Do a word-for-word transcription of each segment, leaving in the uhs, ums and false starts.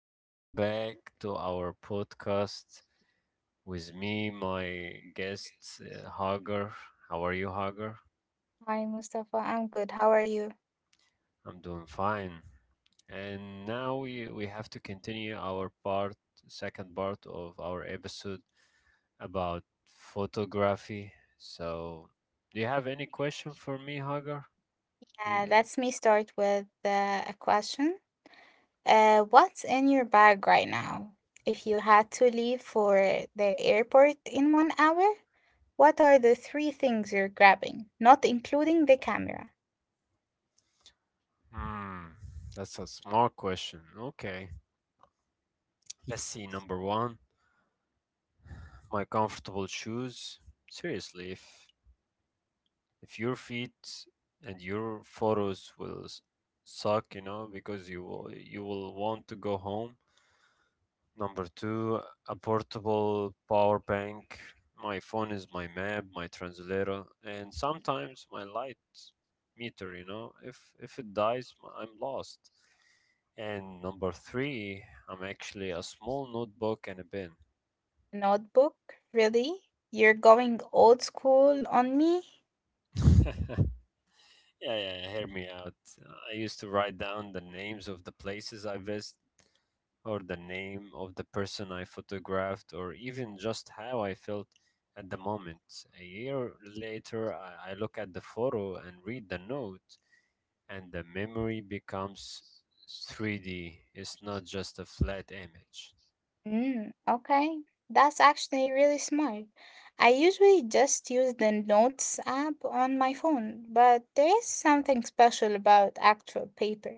welcome back to our podcast with me, my guest, uh, Hagar. How are you, Hagar? Hi, Mustafa. I'm good. How are you? I'm doing fine. And now we, we have to continue our part, second part of our episode about photography. So, do you have any question for me, Hagar? Uh, You, Let me start with uh, a question. Uh, what's in your bag right now? If you had to leave for the airport in one hour, what are the three things you're grabbing? Not including the camera. hmm, that's a smart question. Okay, let's see. Number one, my comfortable shoes. Seriously, if if your feet and your photos will s- suck, you know, because you will, you will want to go home. Number two, a portable power bank. My phone is my map, my translator, and sometimes my light meter. You know, if if it dies, m- I'm lost. And number three, I'm actually a small notebook and a pen. Notebook? Really? You're going old school on me? Yeah, yeah, yeah, hear me out. I used to write down the names of the places I visited, or the name of the person I photographed, or even just how I felt at the moment. A year later, I, I look at the photo and read the note, and the memory becomes three D. It's not just a flat image. Mm, okay, that's actually really smart. I usually just use the Notes app on my phone, but there is something special about actual paper.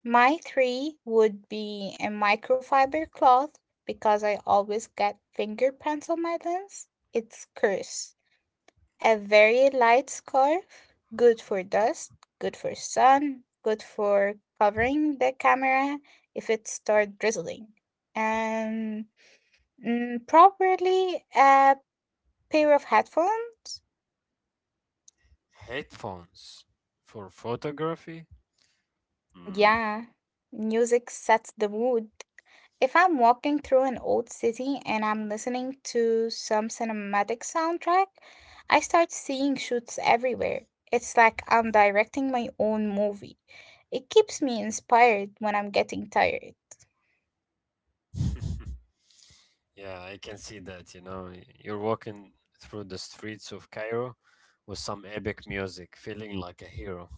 My three would be a microfiber cloth because I always get fingerprints on my lens. It's curse. A very light scarf, good for dust, good for sun, good for covering the camera if it starts drizzling. And Mm, probably a pair of headphones. Headphones for photography? Hmm. Yeah, music sets the mood. If I'm walking through an old city and I'm listening to some cinematic soundtrack, I start seeing shoots everywhere. It's like I'm directing my own movie. It keeps me inspired when I'm getting tired. Yeah, I can see that. You know, Y- you're walking through the streets of Cairo with some epic music, feeling like a hero.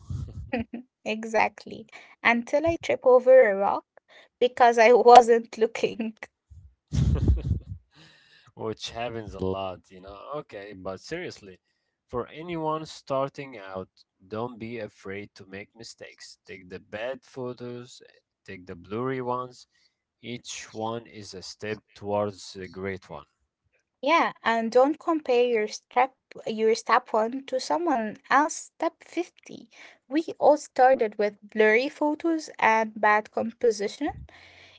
Exactly. Until I trip over a rock because I wasn't looking. Which happens a lot, you know. Okay, but seriously, for anyone starting out, don't be afraid to make mistakes. Take the bad photos, take the blurry ones. Each one is a step towards the great one. Yeah, and don't compare your step your step one to someone else step fifty. We all started with blurry photos and bad composition.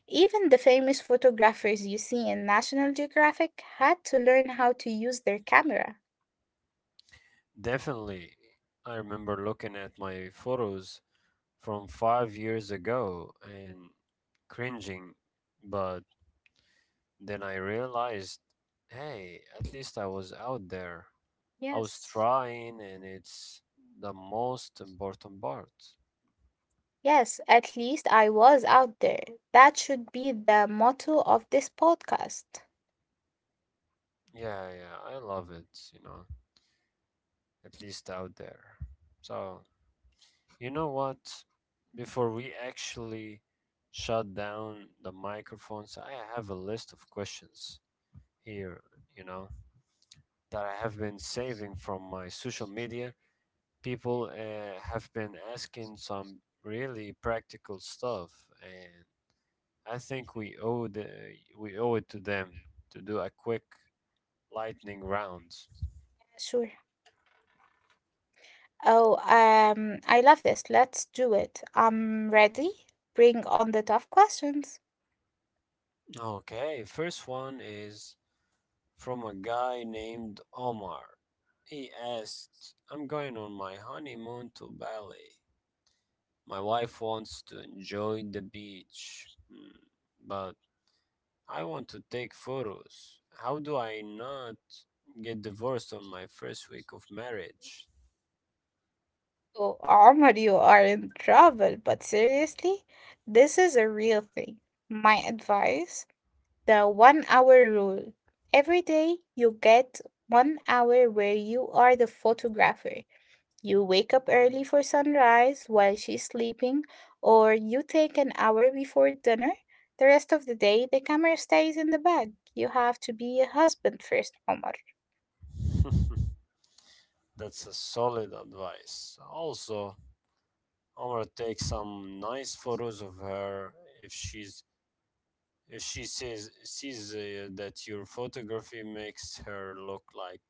Even the famous photographers you see in National Geographic had to learn how to use their camera. Definitely, I remember looking at my photos from five years ago and cringing, but then I realized, hey, at least I was out there. I was Yes. trying, and it's the most important part. Yes, at least I was out there. That should be the motto of this podcast. Yeah, yeah, I love it, you know, at least out there. So, you know what? Before we actually shut down the microphones, I have a list of questions here, you know, that I have been saving from my social media. People uh, have been asking some really practical stuff, and I think we owe the, we owe it to them to do a quick lightning round. Sure. Oh, um, I love this. Let's do it. I'm ready. Bring on the tough questions. Okay, first one is from a guy named Omar. He asked, I'm going on my honeymoon to Bali. My wife wants to enjoy the beach, hmm, but I want to take photos. How do I not get divorced on my first week of marriage? Oh, Omar, you are in trouble, but seriously, this is a real thing. My advice, the one hour rule. Every day you get one hour where you are the photographer. You wake up early for sunrise while she's sleeping, or you take an hour before dinner. The rest of the day, the camera stays in the bag. You have to be a husband first, Omar. That's a solid advice. Also, I'm gonna take some nice photos of her if she's if she says sees uh, that your photography makes her look like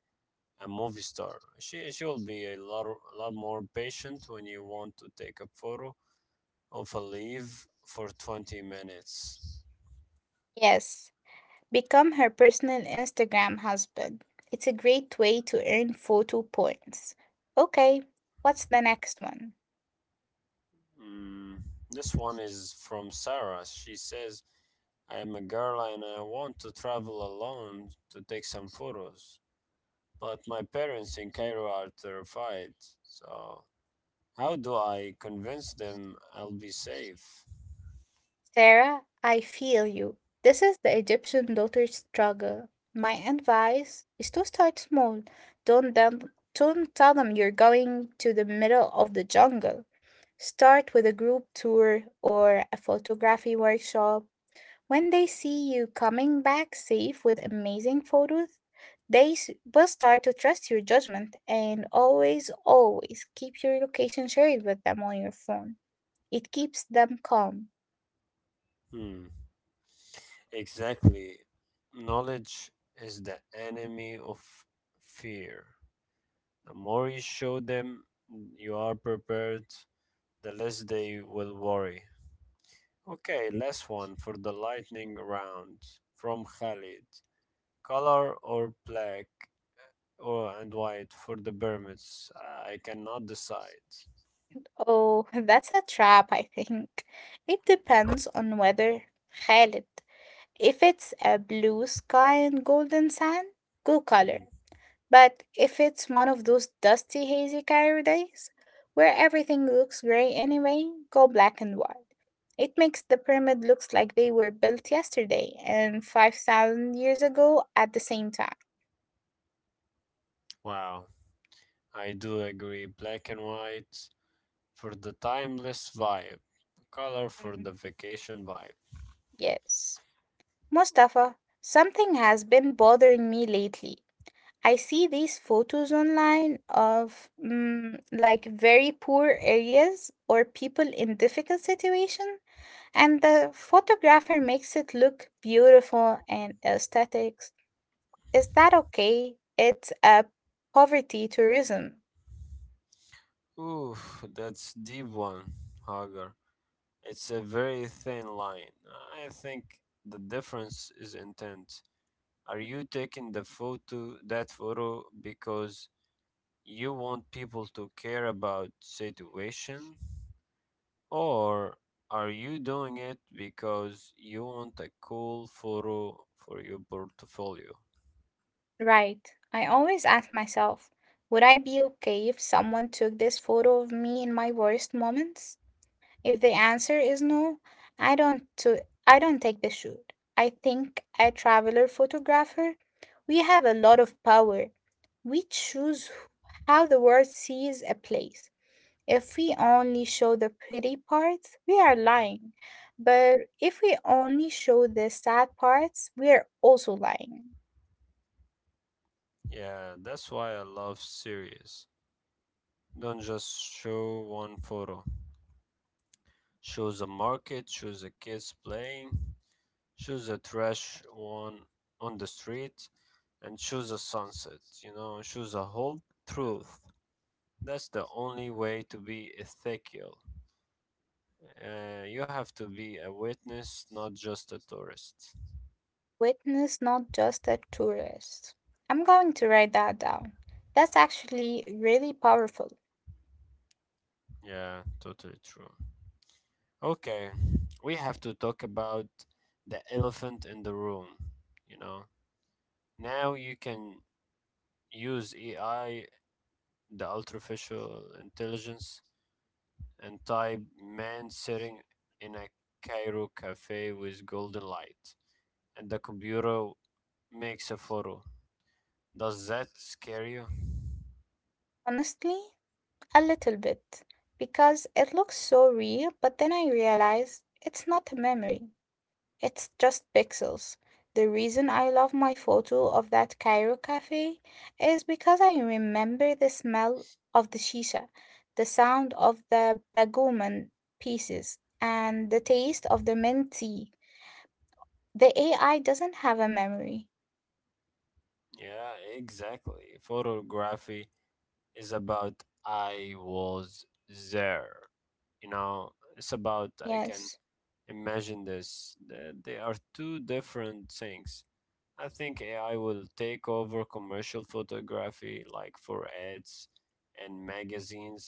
a movie star. She she will be a lot a lot more patient when you want to take a photo of a leaf for twenty minutes. Yes, become her personal Instagram husband. It's a great way to earn photo points. Okay, what's the next one? Mm, this one is from Sarah. She says, I am a girl and I want to travel alone to take some photos, but my parents in Cairo are terrified. So, how do I convince them I'll be safe? Sarah, I feel you. This is the Egyptian daughter struggle. My advice is to start small. Don't, them, don't tell them you're going to the middle of the jungle. Start with a group tour or a photography workshop. When they see you coming back safe with amazing photos, they s- will start to trust your judgment and always, always keep your location shared with them on your phone. It keeps them calm. Hmm, exactly. Knowledge is the enemy of fear. The more you show them you are prepared, the less they will worry. Okay, last one for the lightning round from Khalid. Color or black or and white for the pyramids? I cannot decide. Oh, that's a trap, I think. It depends on weather. Khalid. If it's a blue sky and golden sand, good color. Mm. But if it's one of those dusty, hazy Cairo days where everything looks gray anyway, go black and white. It makes the pyramid looks like they were built yesterday and five thousand years ago at the same time. Wow, I do agree. Black and white for the timeless vibe. Color for Mm. the vacation vibe. Yes. Mustafa, something has been bothering me lately. I see these photos online of mm, like very poor areas or people in difficult situation, and the photographer makes it look beautiful and aesthetic. Is that okay? It's a poverty tourism, Ooh, that's deep one, Hagar. It's a very thin line. I think the difference is intent. Are you taking the photo, that photo because you want people to care about situation, or are you doing it because you want a cool photo for your portfolio? right? I always ask myself, would I be okay if someone took this photo of me in my worst moments? If the answer is no, I don't to I don't take the shoot. I think a traveler photographer, we have a lot of power. We choose wh- how the world sees a place. If we only show the pretty parts, we are lying. But if we only show the sad parts, we are also lying. Yeah, that's why I love series. Don't just show one photo. Shows a market, shows a kids playing, shows a trash one on the street, and shows a sunset. You know, shows a whole truth. That's the only way to be ethical. Uh, you have to be a witness, not just a tourist. Witness not just a tourist. I'm going to write that down. That's actually really powerful. Yeah, totally true. Okay, we have to talk about the elephant in the room. You know, now you can use A I, the artificial intelligence, and type man sitting in a Cairo cafe with golden light, and the computer makes a photo. Does that scare you? Honestly, a little bit, because it looks so real, but then I realize it's not a memory, it's just pixels. The reason I love my photo of that Cairo cafe is because I remember the smell of the shisha, the sound of the bagouman pieces, and the taste of the mint tea. The A I doesn't have a memory. Yeah, exactly. Photography is about I was there. You know, it's about I can Yes. imagine this. Th- They are two different things. I think A I will take over commercial photography, like for ads and magazines.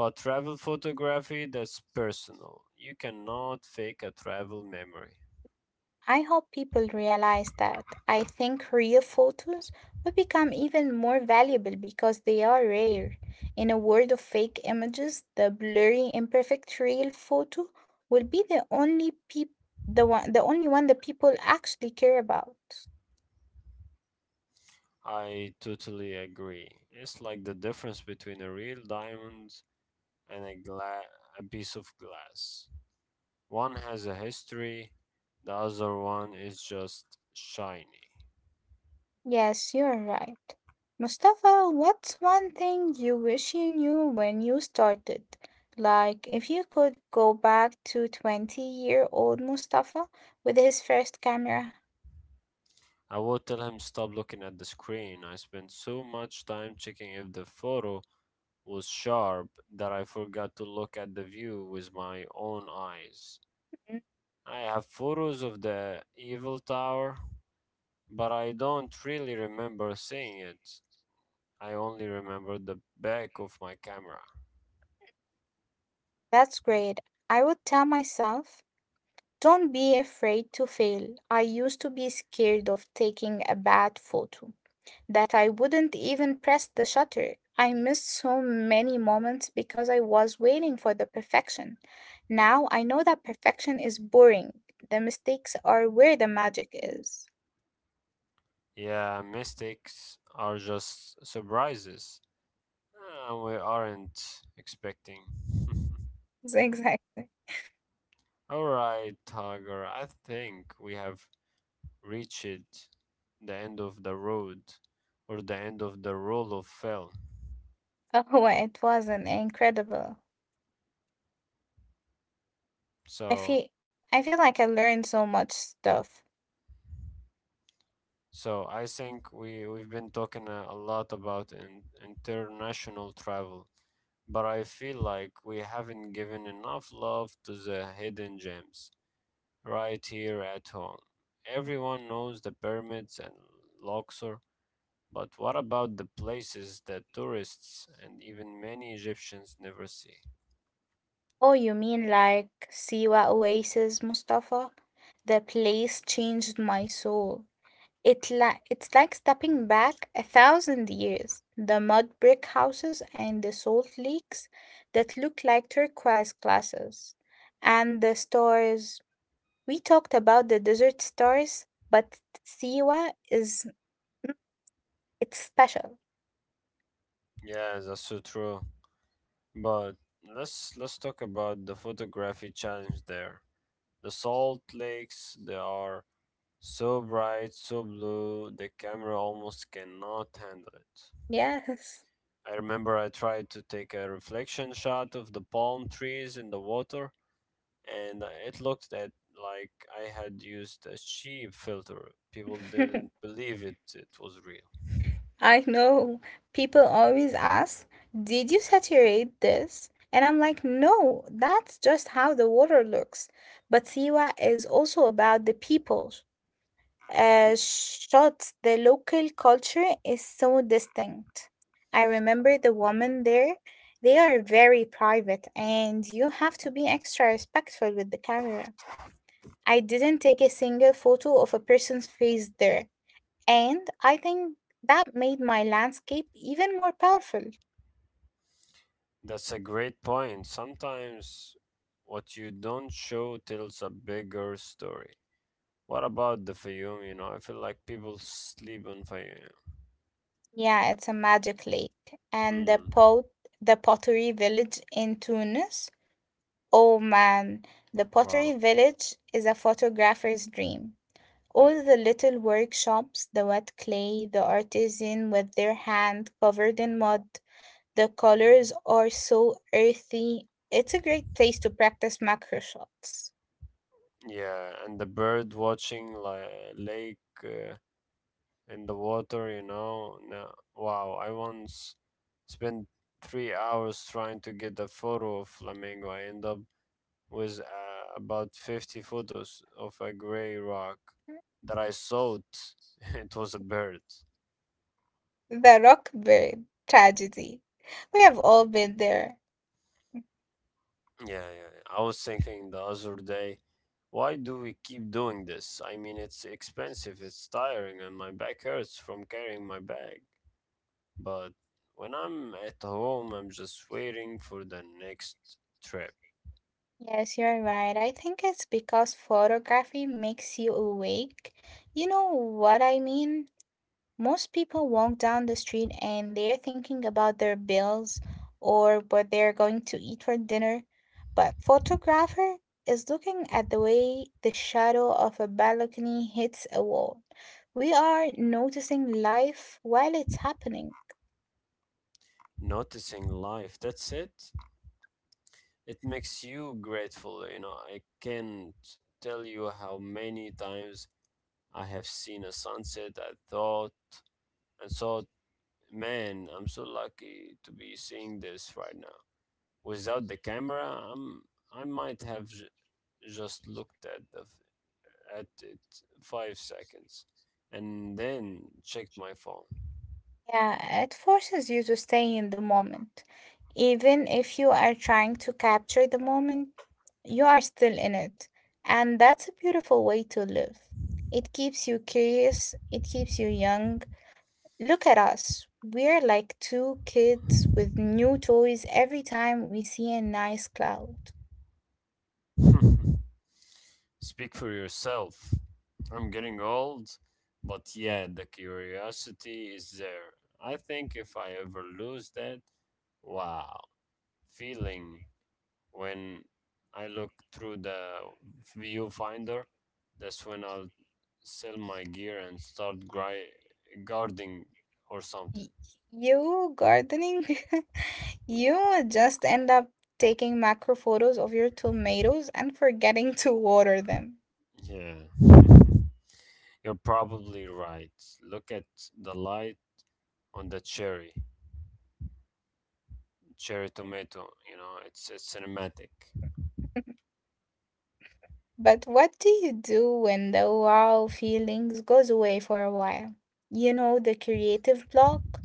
But travel photography, that's personal. You cannot fake a travel memory. I hope people realize that. I think real photos will become even more valuable because they are rare. In a world of fake images, the blurry, imperfect real photo will be the only peop- the one the only one that people actually care about. I totally agree. It's like the difference between a real diamond and a, gla- a piece of glass. One has a history, the other one is just shiny. Yes, you're right. Mustafa, what's one thing you wish you knew when you started? Like if you could go back to twenty year old Mustafa with his first camera. I would tell him stop looking at the screen. I spent so much time checking if the photo was sharp that I forgot to look at the view with my own eyes. I have photos of the evil tower, but I don't really remember seeing it. I only remember the back of my camera. That's great. I would tell myself, don't be afraid to fail. I used to be scared of taking a bad photo, that I wouldn't even press the shutter. I missed so many moments because I was waiting for the perfection. Now I know that perfection is boring. The mistakes are where the magic is. Yeah, mistakes are just surprises Uh, we aren't expecting. Exactly. Alright, Tiger, I think we have reached the end of the road or the end of the roll of film. Oh, it was an incredible. I So feel I feel like I learned so much stuff. so I think we we've been talking a, a lot about in, international travel, but I feel like we haven't given enough love to the hidden gems right here at home. Everyone knows the pyramids and Luxor, but what about the places that tourists and even many Egyptians never see? Oh, you mean like Siwa Oasis, Mustafa? The place changed my soul. It la it's like stepping back a thousand years. The mud brick houses and the salt lakes that look like turquoise glasses. And the stars. We talked about the desert stars, but Siwa is mm, it's special. Yeah, that's so true. But let's let's talk about the photography challenge there. The salt lakes, they are so bright, so blue, the camera almost cannot handle it. Yes. I remember I tried to take a reflection shot of the palm trees in the water, and it looked at like I had used a cheap filter. People didn't believe it, it was real. I know. People always ask, did you saturate this? And I'm like, no, that's just how the water looks. But Siwa is also about the people. Uh, Y- Shots, the local culture is so distinct. I remember the women there, they are very private, and you have to be extra respectful with the camera. I didn't take a single photo of a person's face there and I think that made my landscape even more powerful. That's a great point. Sometimes what you don't show tells a bigger story. What about the Fayoum? You know, I feel like people sleep on Fayoum. Yeah, it's a magic lake. And the Mm, pot the pottery village in Tunis. Oh man, the pottery wow. village is a photographer's dream. All the little workshops, the wet clay, the artisan with their hand covered in mud, the colors are so earthy. It's a great place to practice macro shots. Yeah, and the bird watching like lake uh, in the water, you know. Now, wow, I once spent three hours trying to get a photo of flamingo. I end up with uh, about fifty photos of a gray rock that I thought it was a bird. The Rockbird tragedy. We have all been there. Yeah, yeah. yeah. I was thinking the other day, why do we keep doing this? I mean, it's expensive, it's tiring, and my back hurts from carrying my bag. But when I'm at home, I'm just waiting for the next trip. Yes, you're right. I think it's because photography makes you awake. You know what I mean? Most people walk down the street and they're thinking about their bills or what they're going to eat for dinner, but photographer is looking at the way the shadow of a balcony hits a wall. We are noticing life while it's happening. Noticing life, that's it. It makes you grateful, you know. I can't tell you how many times I have seen a sunset I thought and thought, man, I'm so lucky to be seeing this right now. Without the camera, I'm, I might have j- just looked at, the, f- at it five seconds and then checked my phone. Yeah, it forces you to stay in the moment. Even if you are trying to capture the moment, you are still in it. And that's a beautiful way to live. It keeps you curious, it keeps you young. Look at us. We're like two kids with new toys every time we see a nice cloud. Speak for yourself. I'm getting old, but yeah, the curiosity is there. I think if I ever lose that wow feeling when I look through the viewfinder, that's when I'll sell my gear and start gri- gardening or something. Y- You gardening, you would just end up taking macro photos of your tomatoes and forgetting to water them. Yeah, you're probably right. Look at the light on the cherry, cherry tomato. You know, it's it's cinematic. But what do you do when the wow feelings goes away for a while? You know, the creative block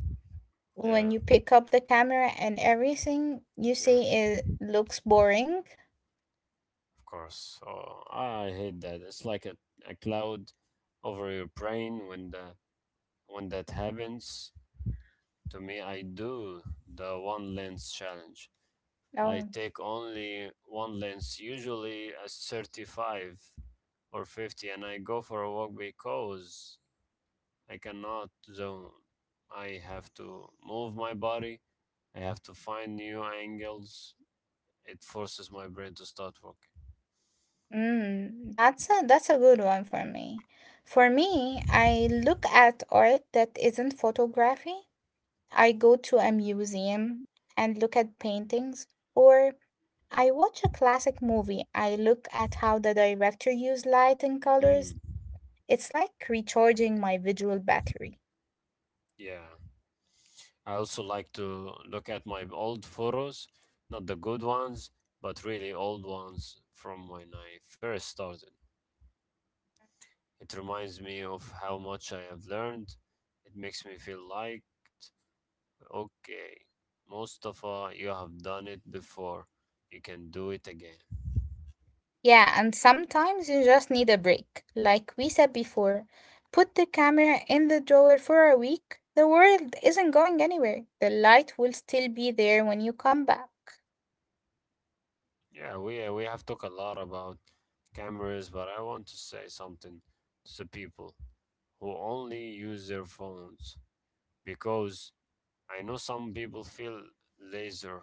Yeah, when you pick up the camera and everything you yeah, see it looks boring. yeah, of course. Oh, I hate that. It's like a, a cloud over your brain when the when that happens. To me, I do the one lens challenge. I Oh, take only one lens, usually a thirty-five or fifty, and I go for a walk because I cannot zone. I have to move my body, I have to find new angles. It forces my brain to start working. mm, that's a that's a good one for me. For me, I look at art that isn't photography. I go to a museum and look at paintings or I watch a classic movie. I look at how the director used light and colors. Mm, It's like recharging my visual battery. yeah. I also like to look at my old photos, not the good ones, but really old ones from when I first started. It reminds me of how much I have learned. It makes me feel liked. Okay, Mustafa, you have done it before. You can do it again. Yeah, and sometimes you just need a break. Like we said before, put the camera in the drawer for a week. The world isn't going anywhere. The light will still be there when you come back. Yeah, we uh, we have talked a lot about cameras, but I want to say something to the people who only use their phones because I know some people feel laser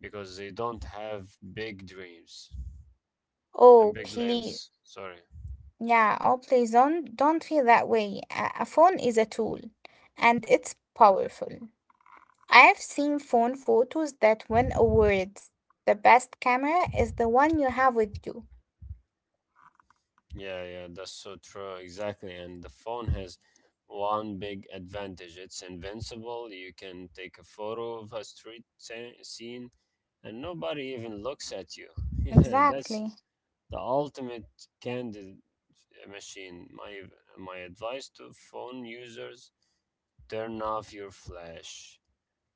because they don't have big dreams and Oh, big please. lens. Sorry. Yeah, oh, please don't, don't feel that way. A, a phone is a tool and it's powerful. I have seen phone photos that win awards. The best camera is the one you have with you. Yeah, yeah, that's so true. Exactly. And the phone has one big advantage. It's invincible. You can take a photo of a street sce- scene and nobody even looks at you. Yeah, that's Exactly. the ultimate candid uh, machine. My my advice to phone users, turn off your flash.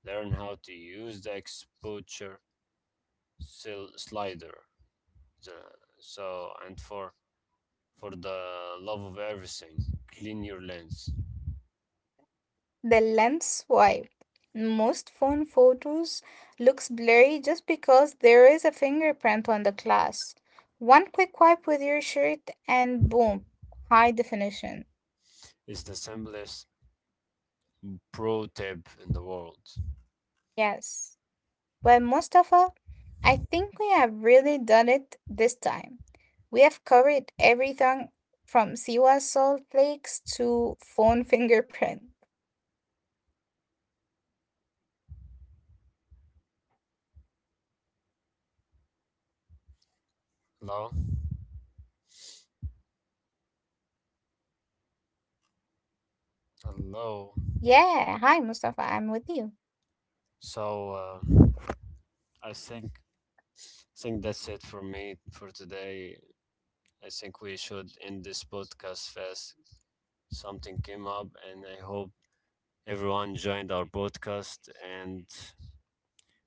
Learn how to use the exposure sil- slider. The, so and for for the love of everything, clean your lens. The lens swipe. Most phone photos looks blurry just because there is a fingerprint on the glass. One quick wipe with your shirt and boom, high definition. It's the simplest pro tip in the world. Yes. Well, Mustafa, I think we have really done it this time. We have covered everything from Siwa salt lakes to phone fingerprint. Hello? Hello. Yeah. Hi, Mustafa. I'm with you. So, uh, I think think that's it for me for today. I think we should end this podcast fast. Something came up, and I hope everyone joined our podcast. And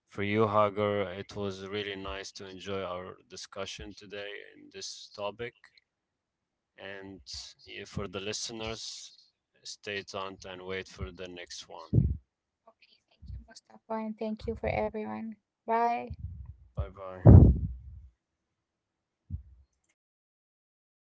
for you, Hagar, it was really nice to enjoy our discussion today in this topic. And yeah, for the listeners, stay tuned and wait for the next one. Okay. Thank you, Mustafa, and thank you for everyone. Bye. Bye bye.